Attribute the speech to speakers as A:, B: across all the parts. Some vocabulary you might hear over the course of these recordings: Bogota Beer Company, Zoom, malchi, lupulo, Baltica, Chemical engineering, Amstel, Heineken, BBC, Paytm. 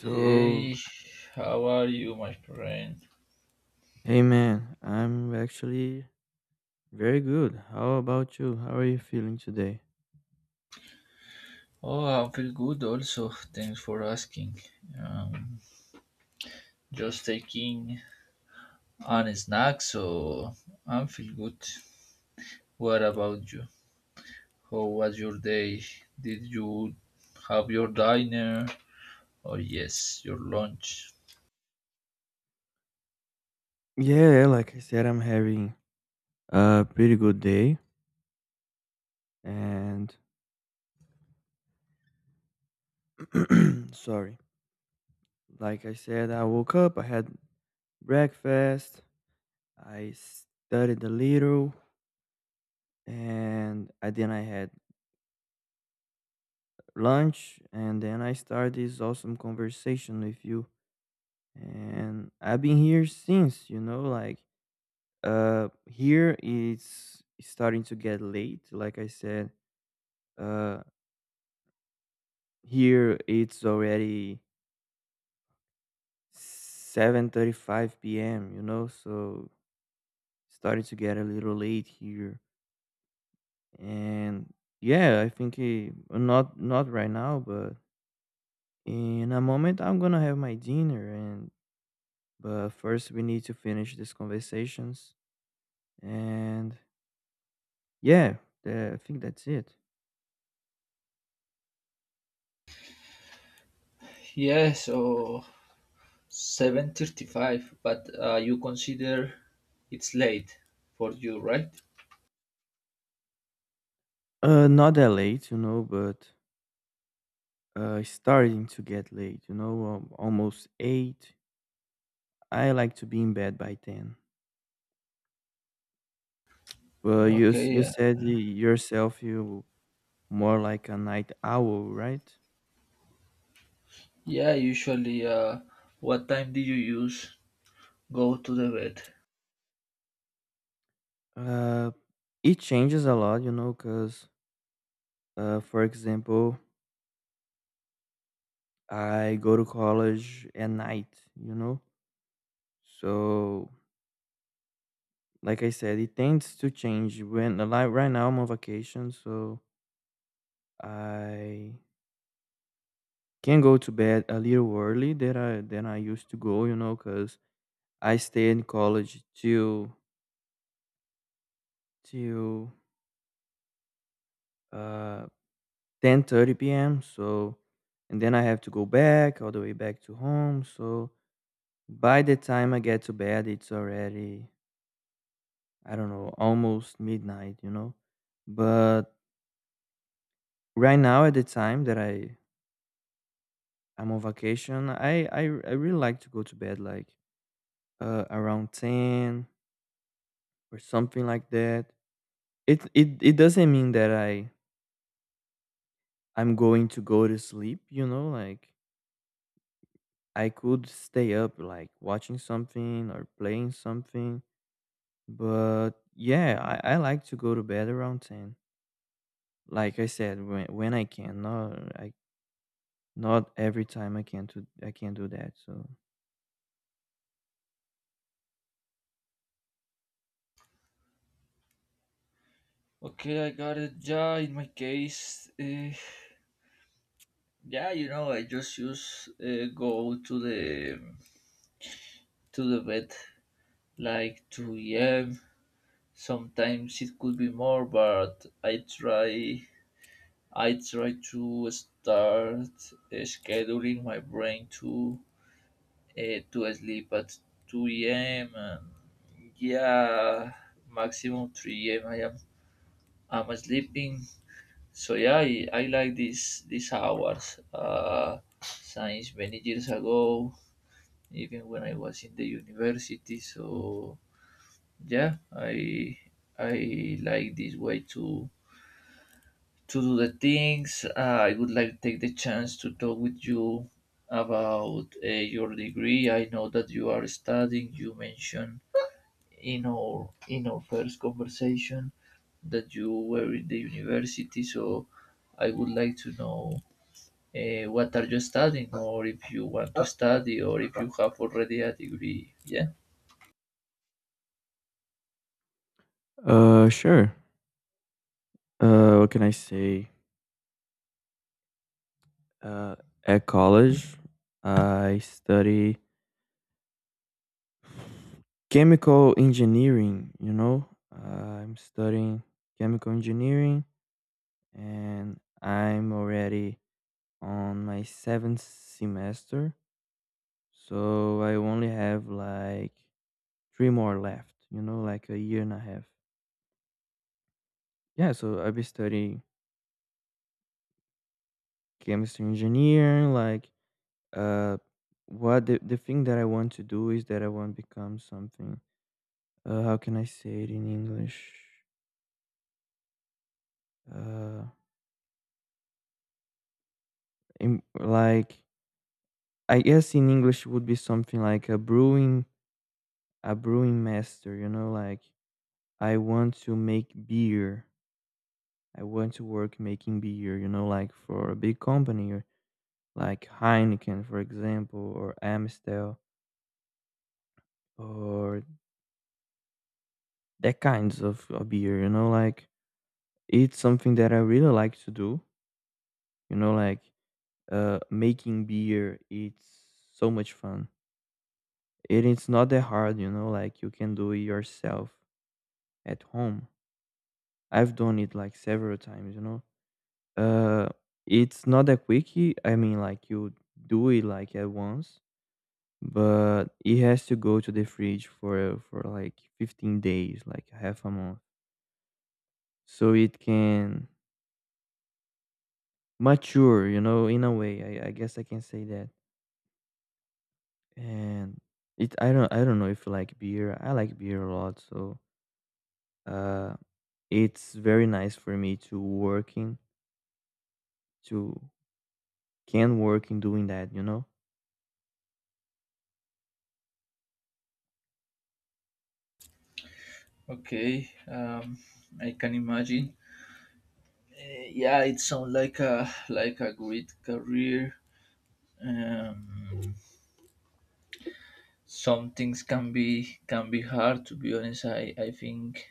A: So,
B: Hey, how are you, my friend?
A: hey man, I'm actually very good. How about you? How are you feeling today?
B: Oh, I feel good also. Thanks for asking. Um, just taking an snack, so I feel good. What about you? How was your day? Did you have your dinner? Oh, yes, your lunch?
A: Yeah, like I said, I'm having a pretty good day. And sorry, like I said, I woke up, I had breakfast, I studied a little, and then I had lunch, and then I started this awesome conversation with you. And I've been here since, you know, like here it's starting to get late, like I said. uh Here it's already 7:35 p.m., you know, so starting to get a little late here. And yeah, I think, not right now, but in a moment I'm going to have my dinner. And but first we need to finish these conversations. And yeah, I think that's it.
B: Yes, so 7:35, but you consider it's late for you, right?
A: Not that late, you know, but it's starting to get late, you know, almost 8. I like to be in bed by 10. But you
B: Okay,
A: you
B: yeah.
A: said yourself you more like a night owl, right?
B: Yeah, usually what time do you use go to the bed?
A: Uh, it changes a lot, you know, because, for example, I go to college at night, you know? So, like I said, it tends to change. When, like right now, I'm on vacation, so I can go to bed a little early than I used to go, you know, because I stay in college till till uh 10:30 p.m. So and then I have to go back all the way back to home. So by the time I get to bed, it's already, I don't know, almost midnight, you know. But right now at the time that I'm on vacation, I really like to go to bed like, around ten or something like that. It doesn't mean that I'm going to go to sleep, you know. Like, I could stay up, like watching something or playing something, but yeah, I like to go to bed around 10. Like I said, when I can, not every time I can do that. So
B: Okay, I got it. Yeah, in my case, yeah, you know, I just use go to the bed like 2 a.m. Sometimes it could be more, but I try to start scheduling my brain to sleep at 2 a.m. And yeah, maximum 3 a.m. I'm sleeping. So yeah, I like these hours. Since many years ago, even when I was in the university. So yeah, I like this way to do the things. I would like to take the chance to talk with you about your degree. I know that you are studying. You mentioned in our first conversation that you were in the university. So I would like to know what are you studying, or if you want to study, or if you have already a degree. Yeah.
A: sure. What can I say? Uh at college I study chemical engineering, you know? I'm studying chemical engineering, and I'm already on my seventh semester. So I only have like three more left, you know, like a year and a half. Yeah, so I'll be studying chemistry engineering, like, uh what the thing that I want to do is that I want to become something, how can I say it in English? Uh, like I guess in English would be something like a brewing master, you know. Like, I want to make beer. I want to work making beer, you know, like for a big company, or like Heineken, for example, or Amstel, or that kinds of beer, you know. Like, it's something that I really like to do, you know. Like, making beer, it's so much fun. It is not that hard, you know. Like, you can do it yourself at home. I've done it like several times, you know. Uh, it's not that quickie. I mean, like, you do it like at once, but it has to go to the fridge for like 15 days, like half a month, so it can mature, you know, in a way. I guess I can say that. And I don't know if you like beer. I like beer a lot, so, uh, it's very nice for me to working to can work in doing that, you know.
B: Okay. I can imagine. Yeah, it sounds like a great career. Um, some things can be hard. To be honest, I think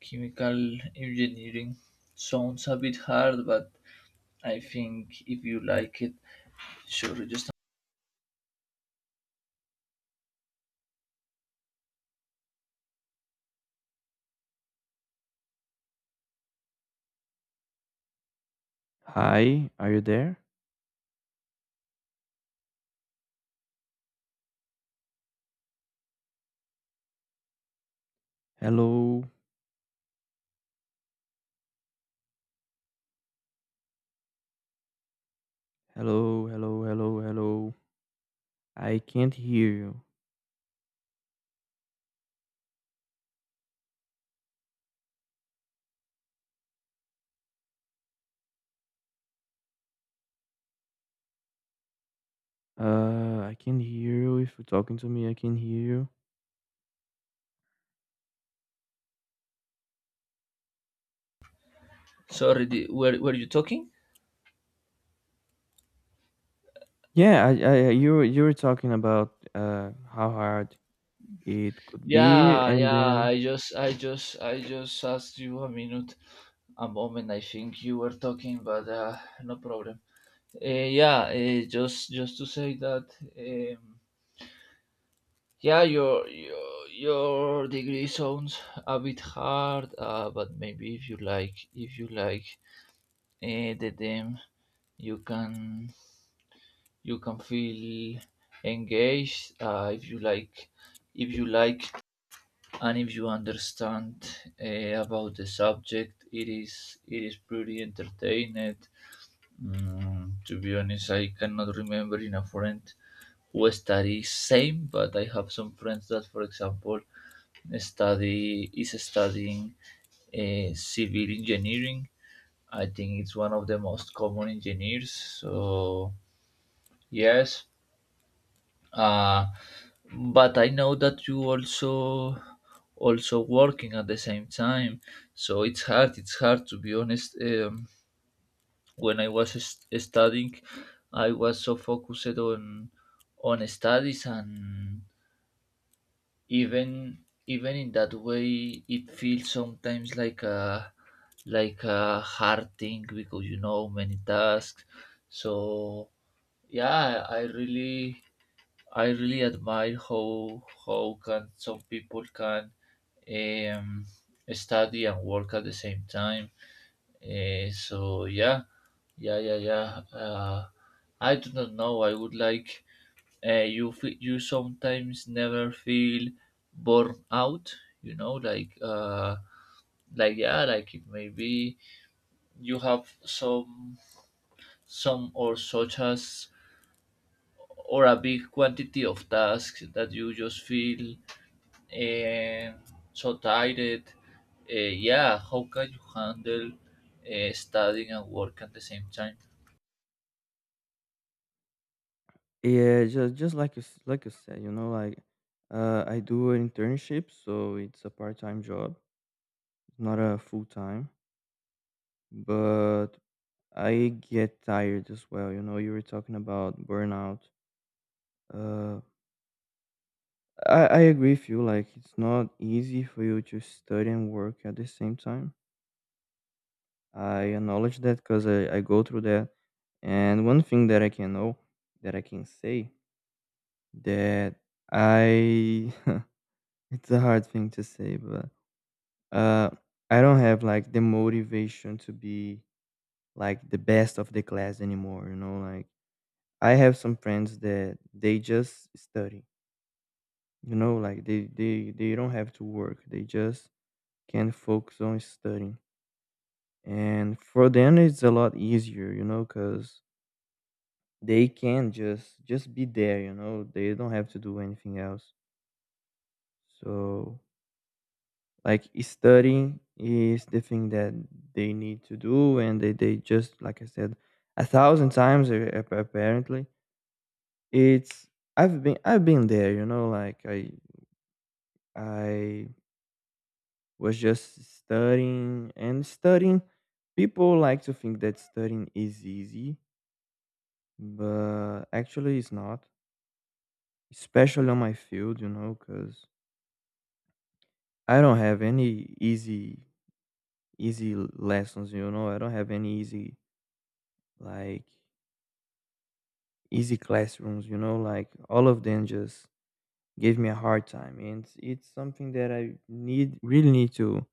B: chemical engineering sounds a bit hard, but I think if you like it, sure. Just
A: Hi, are you there? Hello, hello, hello, hello, hello. I can't hear you. I can hear you. If you're talking to me, I can hear you.
B: sorry, were you talking?
A: Yeah, you were talking about how hard it could be,
B: Yeah,
A: and
B: yeah.
A: then
B: I just asked you a minute, a moment. I think you were talking, but no problem. Uh, yeah, just to say that. Um, yeah, your degree sounds a bit hard, but maybe if you like, the them, you can feel engaged if you like if you like and if you understand about the subject it is pretty entertaining. Mm, to be honest, I cannot remember in a friend who studies same, but I have some friends that, for example, studying civil engineering. I think it's one of the most common engineers, so yes. uh, but I know that you also working at the same time, so it's hard to be honest. When I was studying, I was so focused on studies, and even even in that way it feels sometimes like a hard thing because you know many tasks. So yeah, I really admire how can some people can, um, study and work at the same time. Eh, so yeah, yeah, yeah, yeah. I do not know. I would like you. You sometimes never feel burnt out. You know, like yeah, like it maybe you have some or such as or a big quantity of tasks that you just feel, eh, so tired. Eh, yeah, how can you handle, studying and work at the same time?
A: yeah, just like you like you said, you know. Like, I do an internship, so it's a part-time job, not a full-time, but I get tired as well. You know, you were talking about burnout. Uh. I agree with you. Like, it's not easy for you to study and work at the same time. I acknowledge that because I go through that. And one thing that I can know, that I can say, that I, it's a hard thing to say, but, uh, I don't have like the motivation to be like the best of the class anymore. You know, like, I have some friends that they just study. You know, like, they don't have to work. They just can focus on studying. And for them, it's a lot easier, you know, because they can just be there, you know. They don't have to do anything else. So, like studying is the thing that they need to do, and they just like I said a thousand times, apparently. It's I've been there, you know. Like I was just studying and studying. People like to think that studying is easy, but actually, it's not, especially on my field, you know, because I don't have any easy, easy lessons, you know. I don't have any easy, like, easy classrooms, you know. Like, all of them just gave me a hard time. And it's something that really need to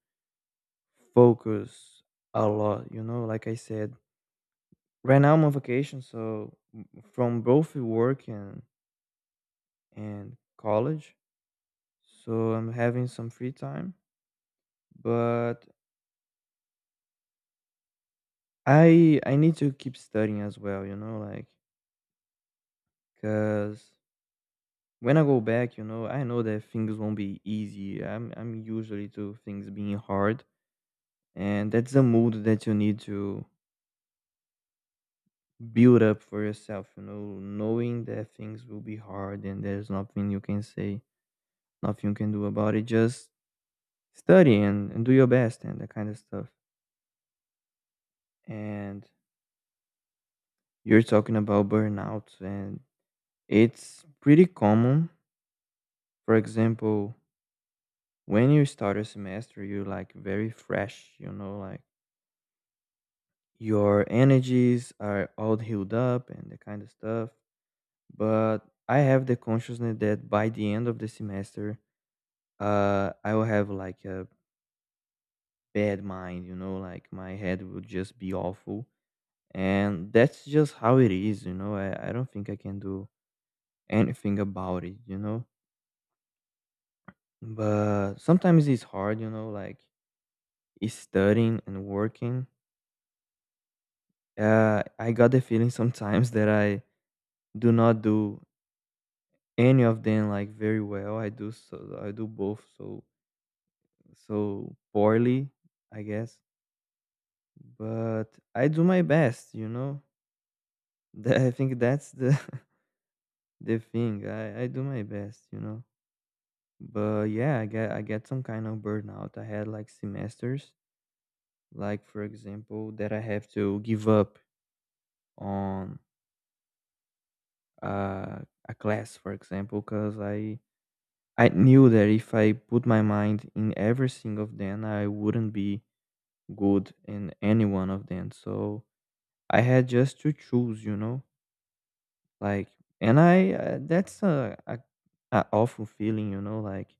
A: focus a lot, you know. Like I said, right now I'm on vacation, so, from both work and college. So I'm having some free time, but I need to keep studying as well, you know. Like, because when I go back, you know, I know that things won't be easy. I'm usually to things being hard, and that's a mood that you need to build up for yourself, you know, knowing that things will be hard and there's nothing you can say, nothing you can do about it. Just study and do your best and that kind of stuff. And you're talking about burnout, and it's pretty common. For example, when you start a semester, you're like very fresh, you know, like your energies are all healed up and the kind of stuff. But I have the consciousness that by the end of the semester, I will have like a bad mind, you know, like my head will just be awful. And that's just how it is, you know. I don't think I can do anything about it, you know. But sometimes it's hard, you know, like is studying and working. I got the feeling sometimes that I do not do any of them like very well. I do both so so poorly, I guess. But I do my best, you know. That- I think that's the the thing. I do my best, you know. But yeah, I get some kind of burnout. I had like semesters, like for example, that I have to give up on, uh, a class, for example, because I knew that if I put my mind in every single of them, I wouldn't be good in any one of them. So I had just to choose, you know, like, and I, that's a awful feeling, you know. Like,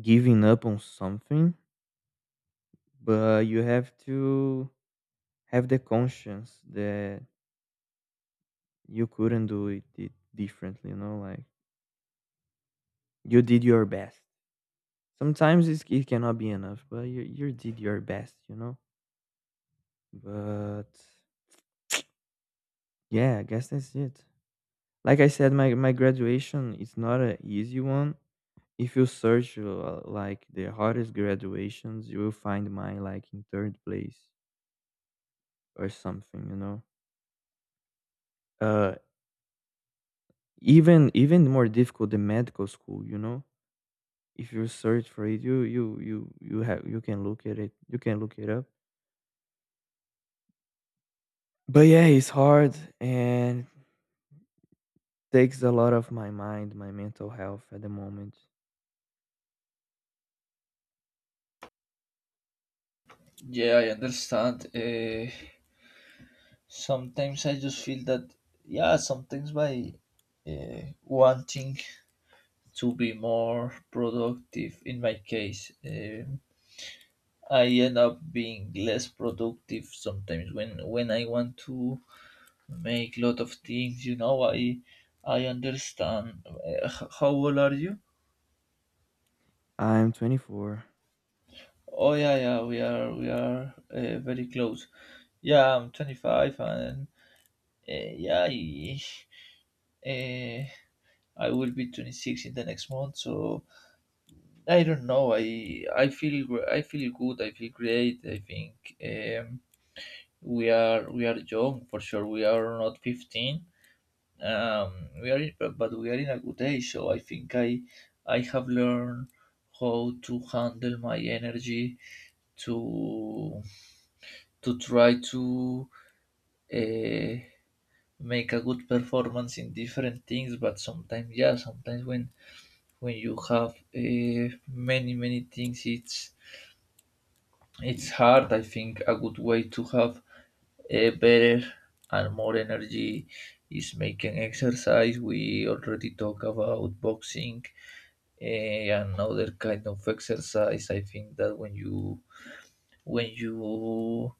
A: giving up on something, but you have to have the conscience that you couldn't do it differently, you know. Like, you did your best. Sometimes it cannot be enough, but you did your best, you know, but yeah, I guess that's it. Like I said, my graduation is not an easy one. If you search, like the hardest graduations, you will find mine like in third place or something, you know. Uh, even more difficult than medical school, you know. If you search for it, you have you can look at it. You can look it up. But yeah, it's hard, and takes a lot of my mind, my mental health at the moment.
B: Yeah, I understand. Eh, sometimes I just feel that, yeah, sometimes by wanting to be more productive, in my case, I end up being less productive sometimes when I want to make lot of things. You know, I understand. Eh, how old are you?
A: I'm 24.
B: Oh yeah, yeah, we are very close. Yeah, I'm 25, and yeah, I, uh, I, will be 26 in the next month. So I don't know. I I feel good. I feel great. I think, we are young for sure. We are not 15. Um, we are in, but we are in a good age. So I think I have learned how to handle my energy to try to uh, make a good performance in different things, but sometimes, yeah, sometimes when you have many things, it's hard. I think a good way to have a better and more energy is making exercise. We already talk about boxing, eh, and other kind of exercise. I think that when you when you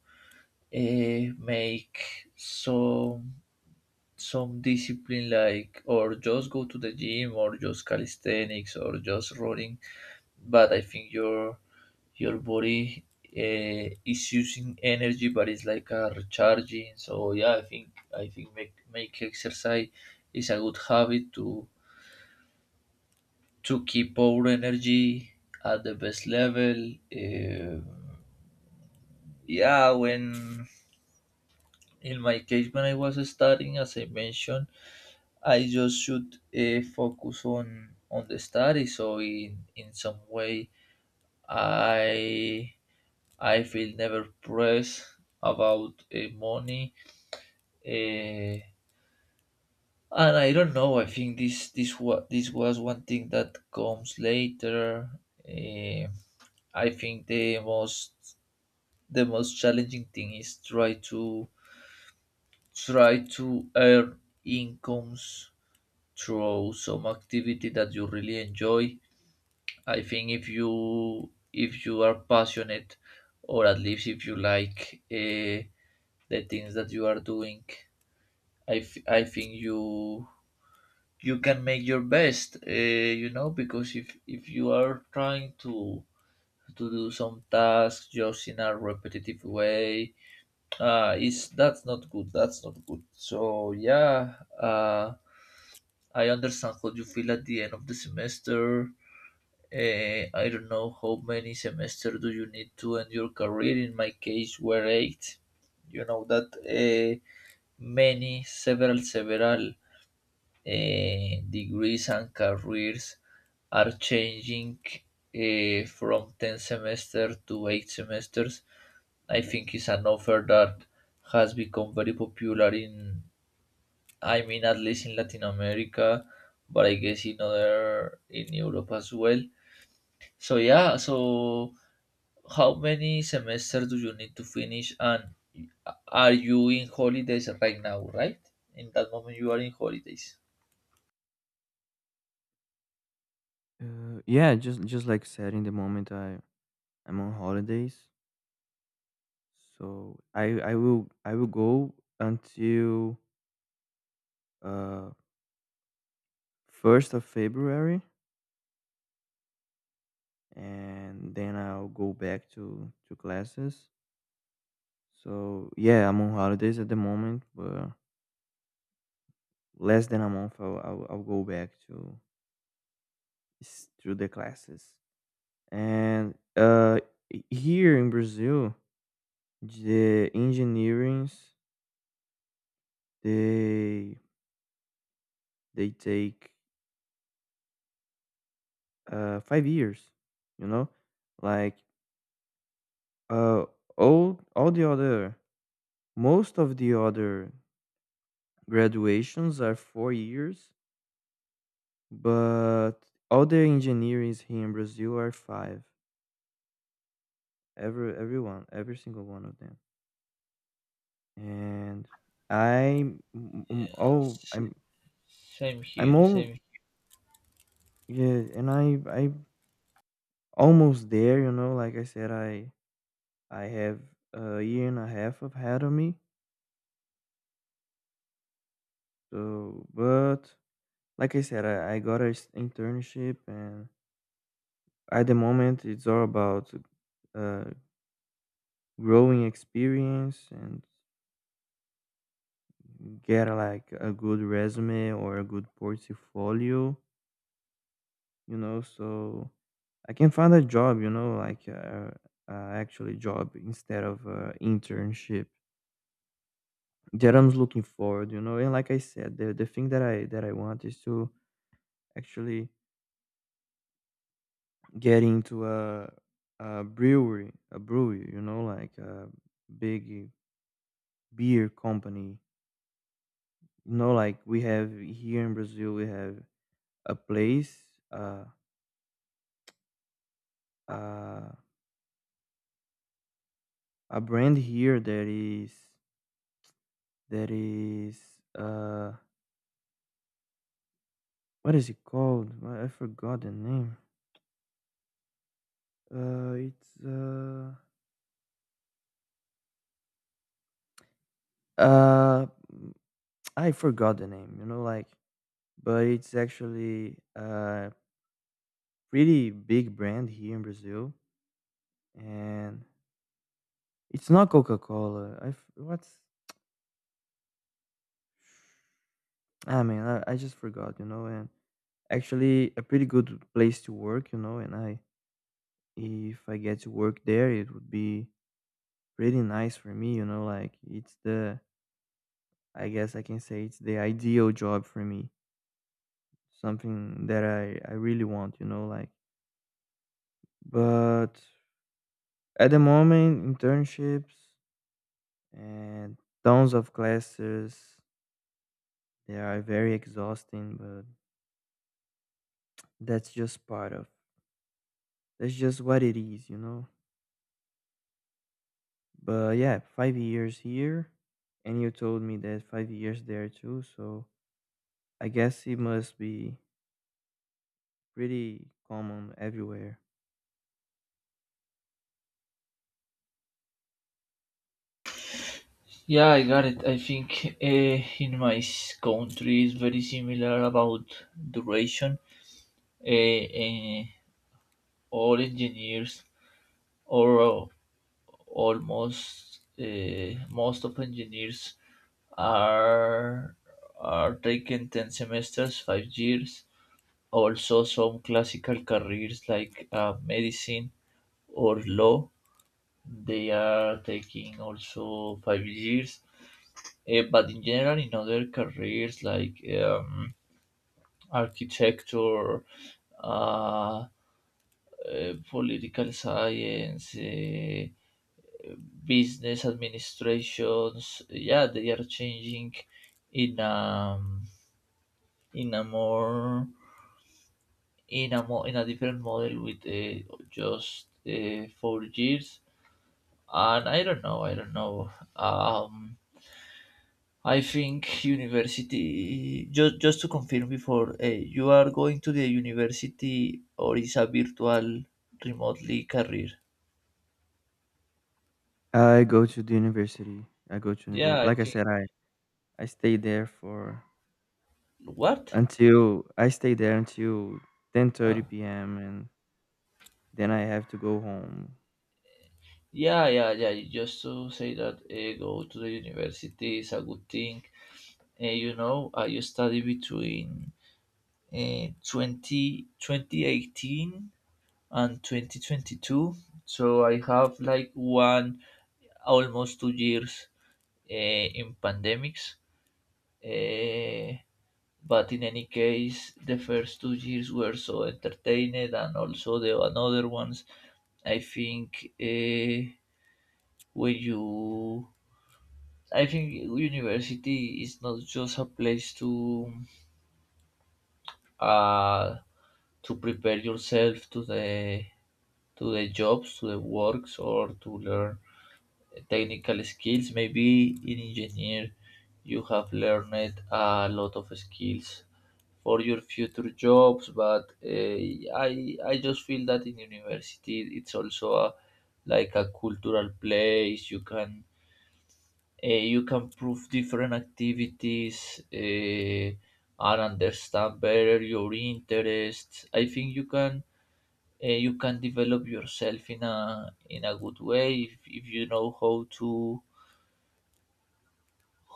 B: make some discipline, like or just go to the gym or just calisthenics or just running, but I think your body, is using energy, but it's like a recharging. So yeah, I think make exercise is a good habit to keep our energy at the best level. Um yeah, when, in my case, when I was studying, as I mentioned, I just should, focus on the study. So in some way, I I feel never pressed about money. Uh, and I don't know. I think this was one thing that comes later. Uh, I think the most challenging thing is try to earn incomes through some activity that you really enjoy. I think if you, are passionate, or at least if you like, the things that you are doing, I, I think you can make your best. You know, because if you are trying to do some tasks just in a repetitive way, is that's not good. That's not good. So yeah, uh, I understand how you feel at the end of the semester. Eh, I don't know how many semesters do you need to end your career. In my case, were eight. You know that, eh, many, several, eh, degrees and careers are changing, eh, from 10 semester to 8 semesters. I think it's an offer that has become very popular in, I mean, at least in Latin America, but I guess in other, in Europe as well. So yeah, so how many semesters do you need to finish? And are you in holidays right now, right? In that moment, you are in holidays.
A: Yeah, just like said in the moment, I'm on holidays, so I will go until, uh February 1st, and then I'll go back to classes. So yeah, I'm on holidays at the moment, but less than a month I'll go back to to the classes. And here in Brazil, the engineerings they they take, 5 years. You know, like, uh, all the other, most of the other graduations are 4 years, but all the engineers here in Brazil are five. Everyone, every single one of them. And I'm m- m- oh
B: S- Same
A: I'm
B: here,
A: all
B: same.
A: yeah, and I almost there. You know, like I said, I have a year and a half of ahead of me. So, but like I said, I got an internship, and at the moment, it's all about uh, growing experience and get like a good resume or a good portfolio, you know, so I can find a job, you know, like a actually job instead of internship that I'm looking forward, you know. And like I said, the thing that I want is to actually get into a brewery, you know, like a big beer company. You know, like we have here in Brazil, we have a place, uh, uh, a brand here that is uh, what is it called? I forgot the name. It's uh, mm, I forgot the name. You know, like, but it's actually a pretty big brand here in Brazil. And it's not Coca-Cola. I f- what's I mean, I just forgot, you know, and actually a pretty good place to work, you know, and I, if I get to work there, it would be pretty nice for me, you know, like it's the, I guess I can say it's the ideal job for me. Something that I really want, you know, like but at the moment internships and tons of classes they are very exhausting, but that's just part of that's just what it is, you know. But yeah, 5 years here, and you told me that 5 years there too. So I guess it must be pretty common everywhere.
B: Yeah, I got it. I think, in my country is very similar about duration. Uh, uh, all engineers or almost, most of engineers, are are taking 10 semesters, 5 years. Also some classical careers like, medicine or law, they are taking also 5 years. Eh, but in general, in other careers like, architecture, uh, political science, eh, business administrations, yeah, they are changing in um, in a more in a more in a different model with just 4 years. And I don't know. um I think university, just to confirm, before, you are going to the university or is a virtual remotely career?
A: I go to the university. I go to
B: Yeah,
A: university.
B: I
A: Like I
B: think
A: said, I stay there for
B: what,
A: until I stay there until 10:30
B: uh,
A: p.m. and then I have to go home.
B: yeah, yeah, yeah, just to say that, go to the university is a good thing. You know, I study between, 20 2018 and 2022, so I have like one almost 2 years, in pandemics. Uh, but in any case, the first 2 years were so entertained, and also the another ones. I think, when you, I think university is not just a place to, uh, to prepare yourself to the jobs, to the works, or to learn technical skills. Maybe in engineer, you have learned a lot of skills for your future jobs. But, uh, I just feel that in university, it's also a like a cultural place. You can prove different activities. Uh, and understand better your interests. I think you can develop yourself in a good way if, you know how to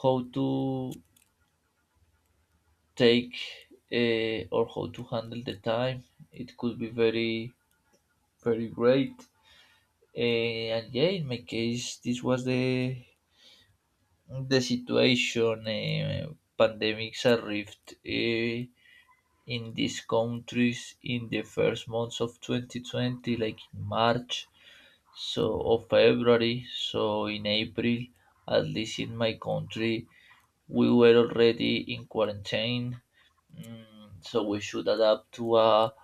B: how to take, or how to handle the time. It could be very very great. Eh, and yeah, in my case, this was the situation. Eh, pandemics arrived, eh, in these countries in the first months of 2020, like in March, so or February. So in April, at least in my country, we were already in quarantine. Mm, so we should adapt to a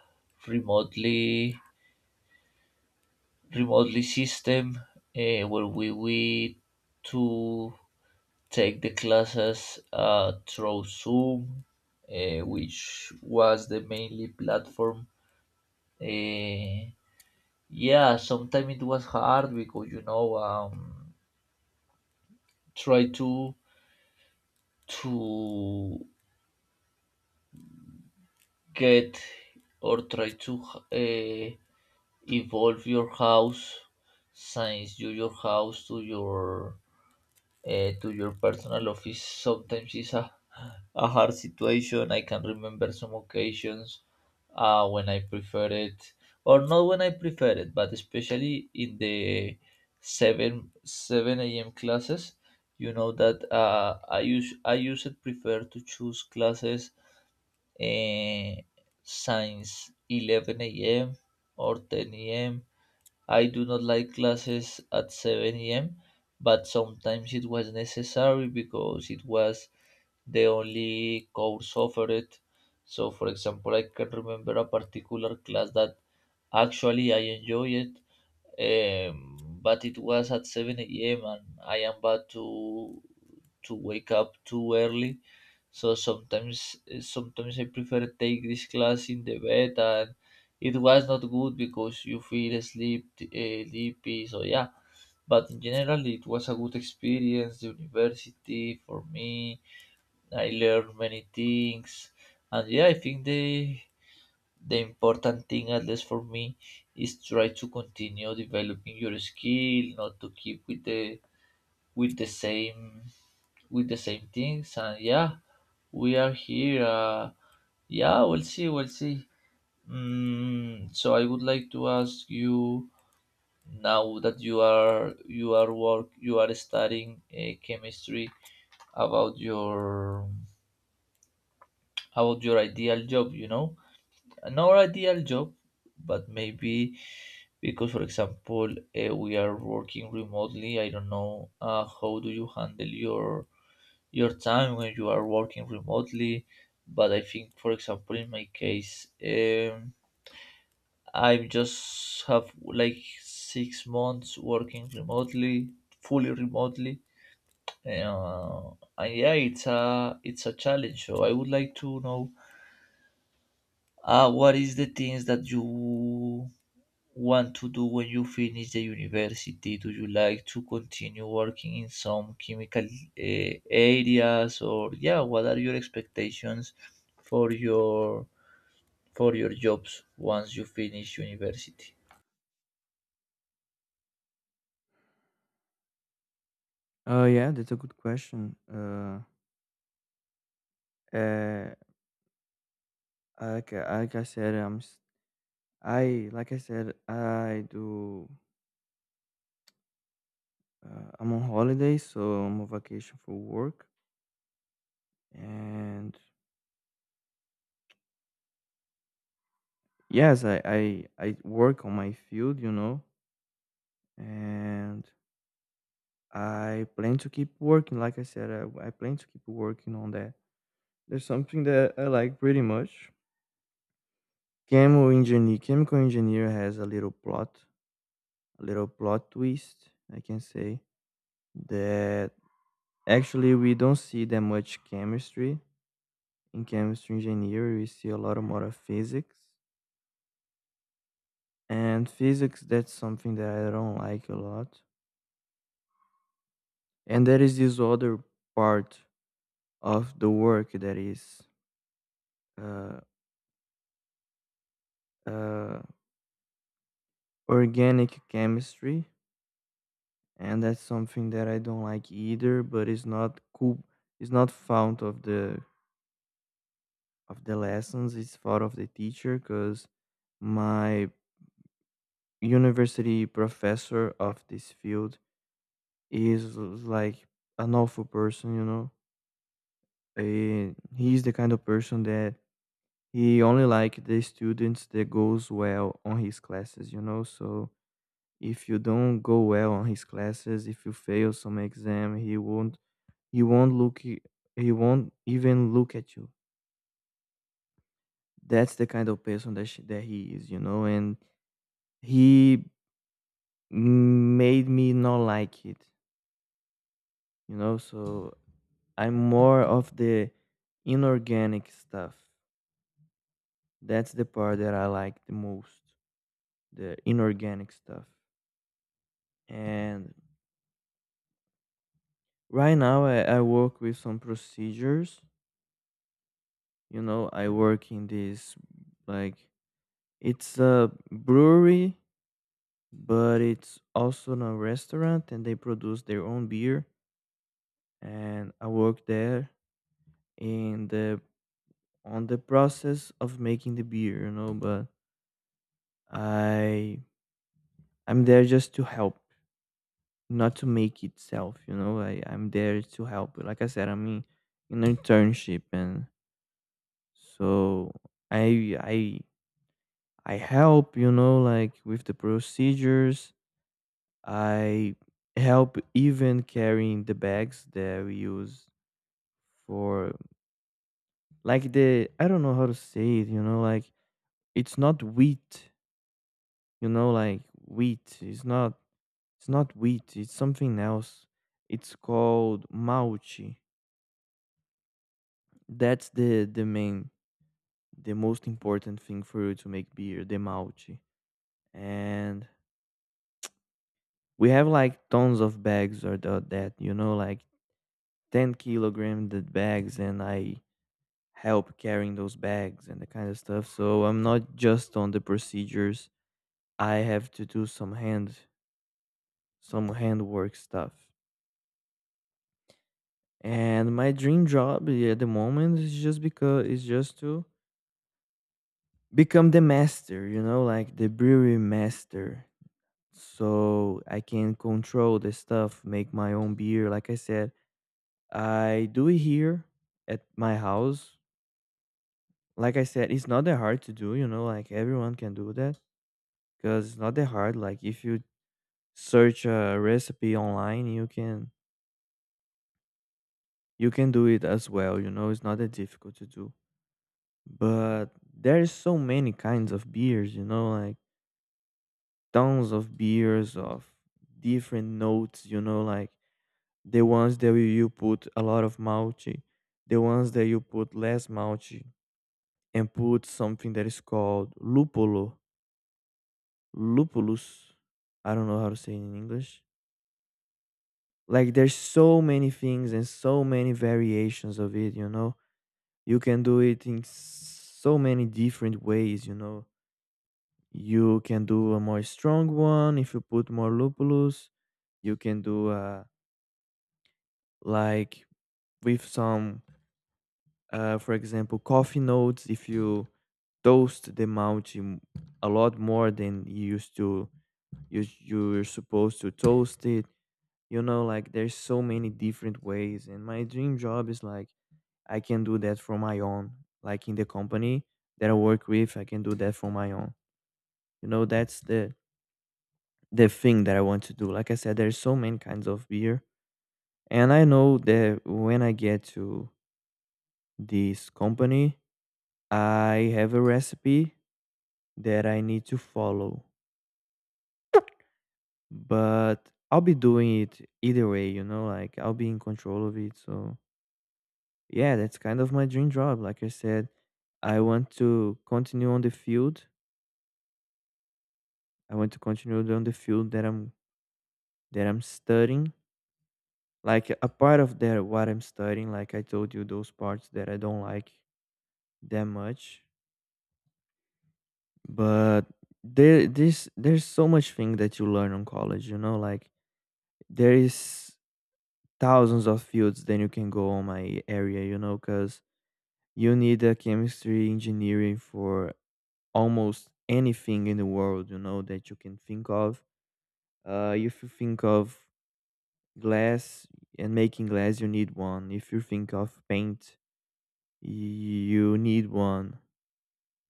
B: remotely remotely system, eh, where we to take the classes, through Zoom, eh, which was the mainly platform. Eh, yeah, sometimes it was hard because you know, try to to get, or try to, uh, evolve your house since you your house to your, to your personal office. Sometimes is a hard situation. I can remember some occasions, when I prefer it or not when I prefer it, but especially in the 7 a.m classes. You know that, I usually prefer to choose classes, uh, since 11 a.m or 10 a.m. I do not like classes at 7 a.m., but sometimes it was necessary because it was the only course offered. So, for example, I can remember a particular class that actually I enjoyed, but it was at 7 a.m. and I am bad to wake up too early. So sometimes I prefer take this class in the bed, and it was not good because you feel sleep, sleepy. So yeah, but in general it was a good experience. The university for me, I learned many things, and yeah, I think the important thing, at least for me, is try to continue developing your skill, not to keep with the same with the same things. And yeah, we are here, yeah, we'll see, we'll see. Mm, so I would like to ask you, now that you are studying, chemistry, about your about your ideal job. You know, not ideal job, but maybe, because, for example, we are working remotely. I don't know, how do you handle your time when you are working remotely? But I think, for example, in my case, I just have like 6 months working remotely, fully remotely, uh, and yeah, it's a challenge. So I would like to know, what is the things that you want to do when you finish the university? Do you like to continue working in some chemical, areas, or yeah, what are your expectations for your for your jobs once you finish university?
A: Yeah, that's a good question. Uh, like I said, I'm I like I said, I do. I'm on holiday, so I'm on vacation for work. And yes, I work on my field, you know, and I plan to keep working. Like I said, I plan to keep working on that. There's something that I like pretty much. Chemical engineer has a little plot twist, I can say that actually we don't see that much chemistry in chemistry engineering. We see a lot more of physics, and physics, that's something that I don't like a lot. And there is this other part of the work that is uh, uh, organic chemistry, and that's something that I don't like either, but it's not cool. It's not found of the lessons, it's found of the teacher, because my university professor of this field is like an awful person, you know. And he's the kind of person that he only like the students that goes well on his classes, you know. So if you don't go well on his classes, if you fail some exam, he won't he won't look i- he won't even look at you. That's the kind of person that, that he is, you know. And he made me not like it, you know. So I'm more of the inorganic stuff. That's the part that I like the most, the inorganic stuff. And right now, I work with some procedures. You know, I work in this, like, it's a brewery, but it's also in a restaurant, and they produce their own beer. And I work there in the on the process of making the beer. You know, but I I'm there just to help, not to make itself. You know, I'm there to help. Like I said, I am in an internship, and so I I I help, you know, like with the procedures. I help even carrying the bags that we use for, like, the, I don't know how to say it, you know, like, it's not wheat, you know, like wheat. It's not, it's something else. It's called malchi. That's the main, the most important thing for you to make beer, the malchi. And we have like tons of bags that, you know, like 10 kilogram the bags, and I help carrying those bags and the kind of stuff. So I'm not just on the procedures, I have to do some hand some handwork stuff. And my dream job, yeah, at the moment is just because is just to become the master, you know, like the brewery master, so I can control the stuff, make my own beer. Like I said, I do it here at my house. Like I said, it's not that hard to do, you know, like everyone can do that because it's not that hard. Like if you search a recipe online, you can do it as well, you know, it's not that difficult to do. But there's so many kinds of beers, you know, like tons of beers of different notes, you know, like the ones that you put a lot of malty, the ones that you put less malty and put something that is called lupulus. I don't know how to say it in English. Like there's so many things and so many variations of it, you know. You can do it in so many different ways, you know. You can do a more strong one if you put more lupulus. You can do like with some for example coffee notes if you toast the mulch a lot more than you're supposed to toast it, you know, like there's so many different ways. And my dream job is like I can do that for my own, like in the company that I work with, I can do that for my own, you know. That's the thing that I want to do. Like I said, there's so many kinds of beer, and I know that when I get to this company, I have a recipe that I need to follow, but I'll be doing it either way, you know, like I'll be in control of it. So yeah, that's kind of my dream job. Like I said, I want to continue on the field. I want to continue on the field that I'm studying. Like a part of that, what I'm studying, like I told you, those parts that I don't like that much. But there's so much thing that you learn on college, you know, like there is thousands of fields then you can go on my area, you know, because you need a chemistry engineering for almost anything in the world, you know, that you can think of. If you think of glass and making glass, you need one. If you think of paint, you need one.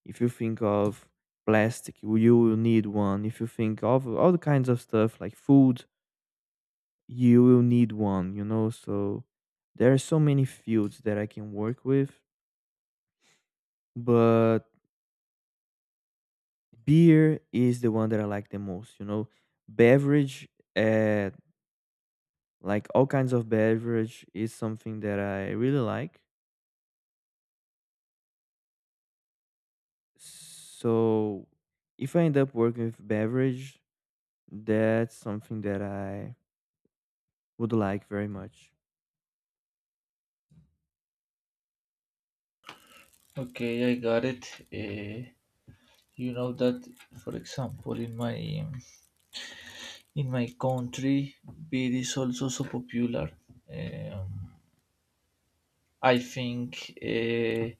A: If you think of plastic, you will need one. If you think of all the kinds of stuff like food, you will need one, you know. So there are so many fields that I can work with, but beer is the one that I like the most, you know. Beverage, uh like all kinds of beverage is something that I really like. So if I end up working with beverage, that's something that I would like very much.
B: Okay, I got it. Uh, you know that, for example, in my country, beer is also so popular. Um, I think.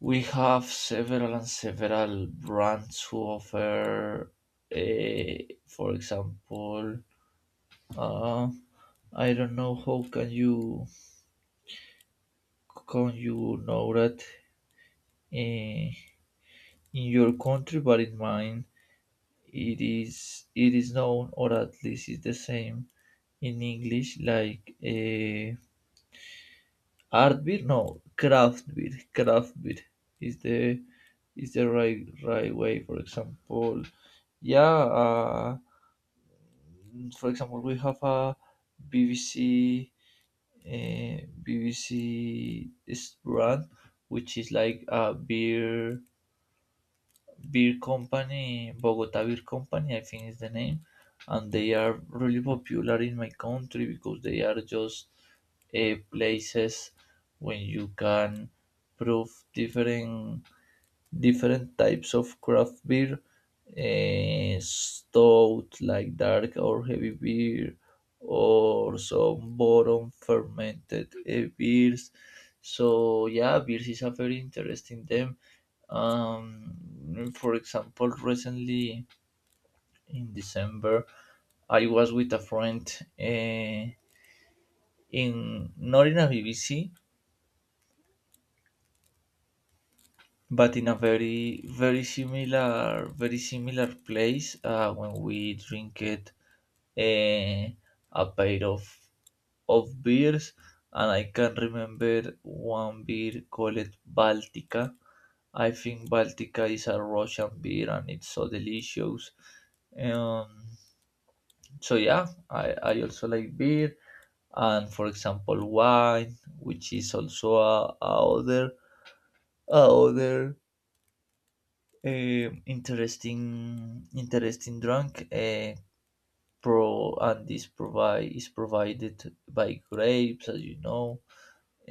B: We have several and several brands who offer, for example, uh, I don't know how can you know that in, your country, but in mine it is known, or at least it's the same in English, like, art beer. No, craft beer. Craft beer is the right way. For example, yeah. Uh, for example, we have a BBC, uh, BBC is brand, which is like a beer company, Bogota Beer Company, I think is the name, and they are really popular in my country because they are just, places when you can prove different types of craft beer, eh, stout like dark or heavy beer, or some bottom fermented, eh, beers. So yeah, beers is a very interesting them. For example, recently in December, I was with a friend, eh, in not in a BBC, but in a very very similar place, when we drink it, eh, a pair of beers. And I can remember one beer called baltica. I think baltica is a russian beer and it's so delicious. um, so yeah, I also like beer, and for example wine, which is also a other, interesting drunk. Pro and this provide is provided by grapes, as you know.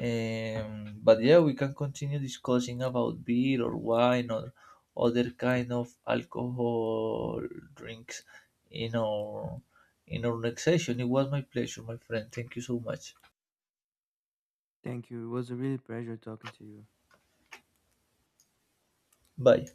B: But yeah, we can continue discussing about beer or wine or other kind of alcohol drinks in our next session. It was my pleasure, my friend. Thank you so much.
A: Thank you. It was a really pleasure talking to you.
B: Bye.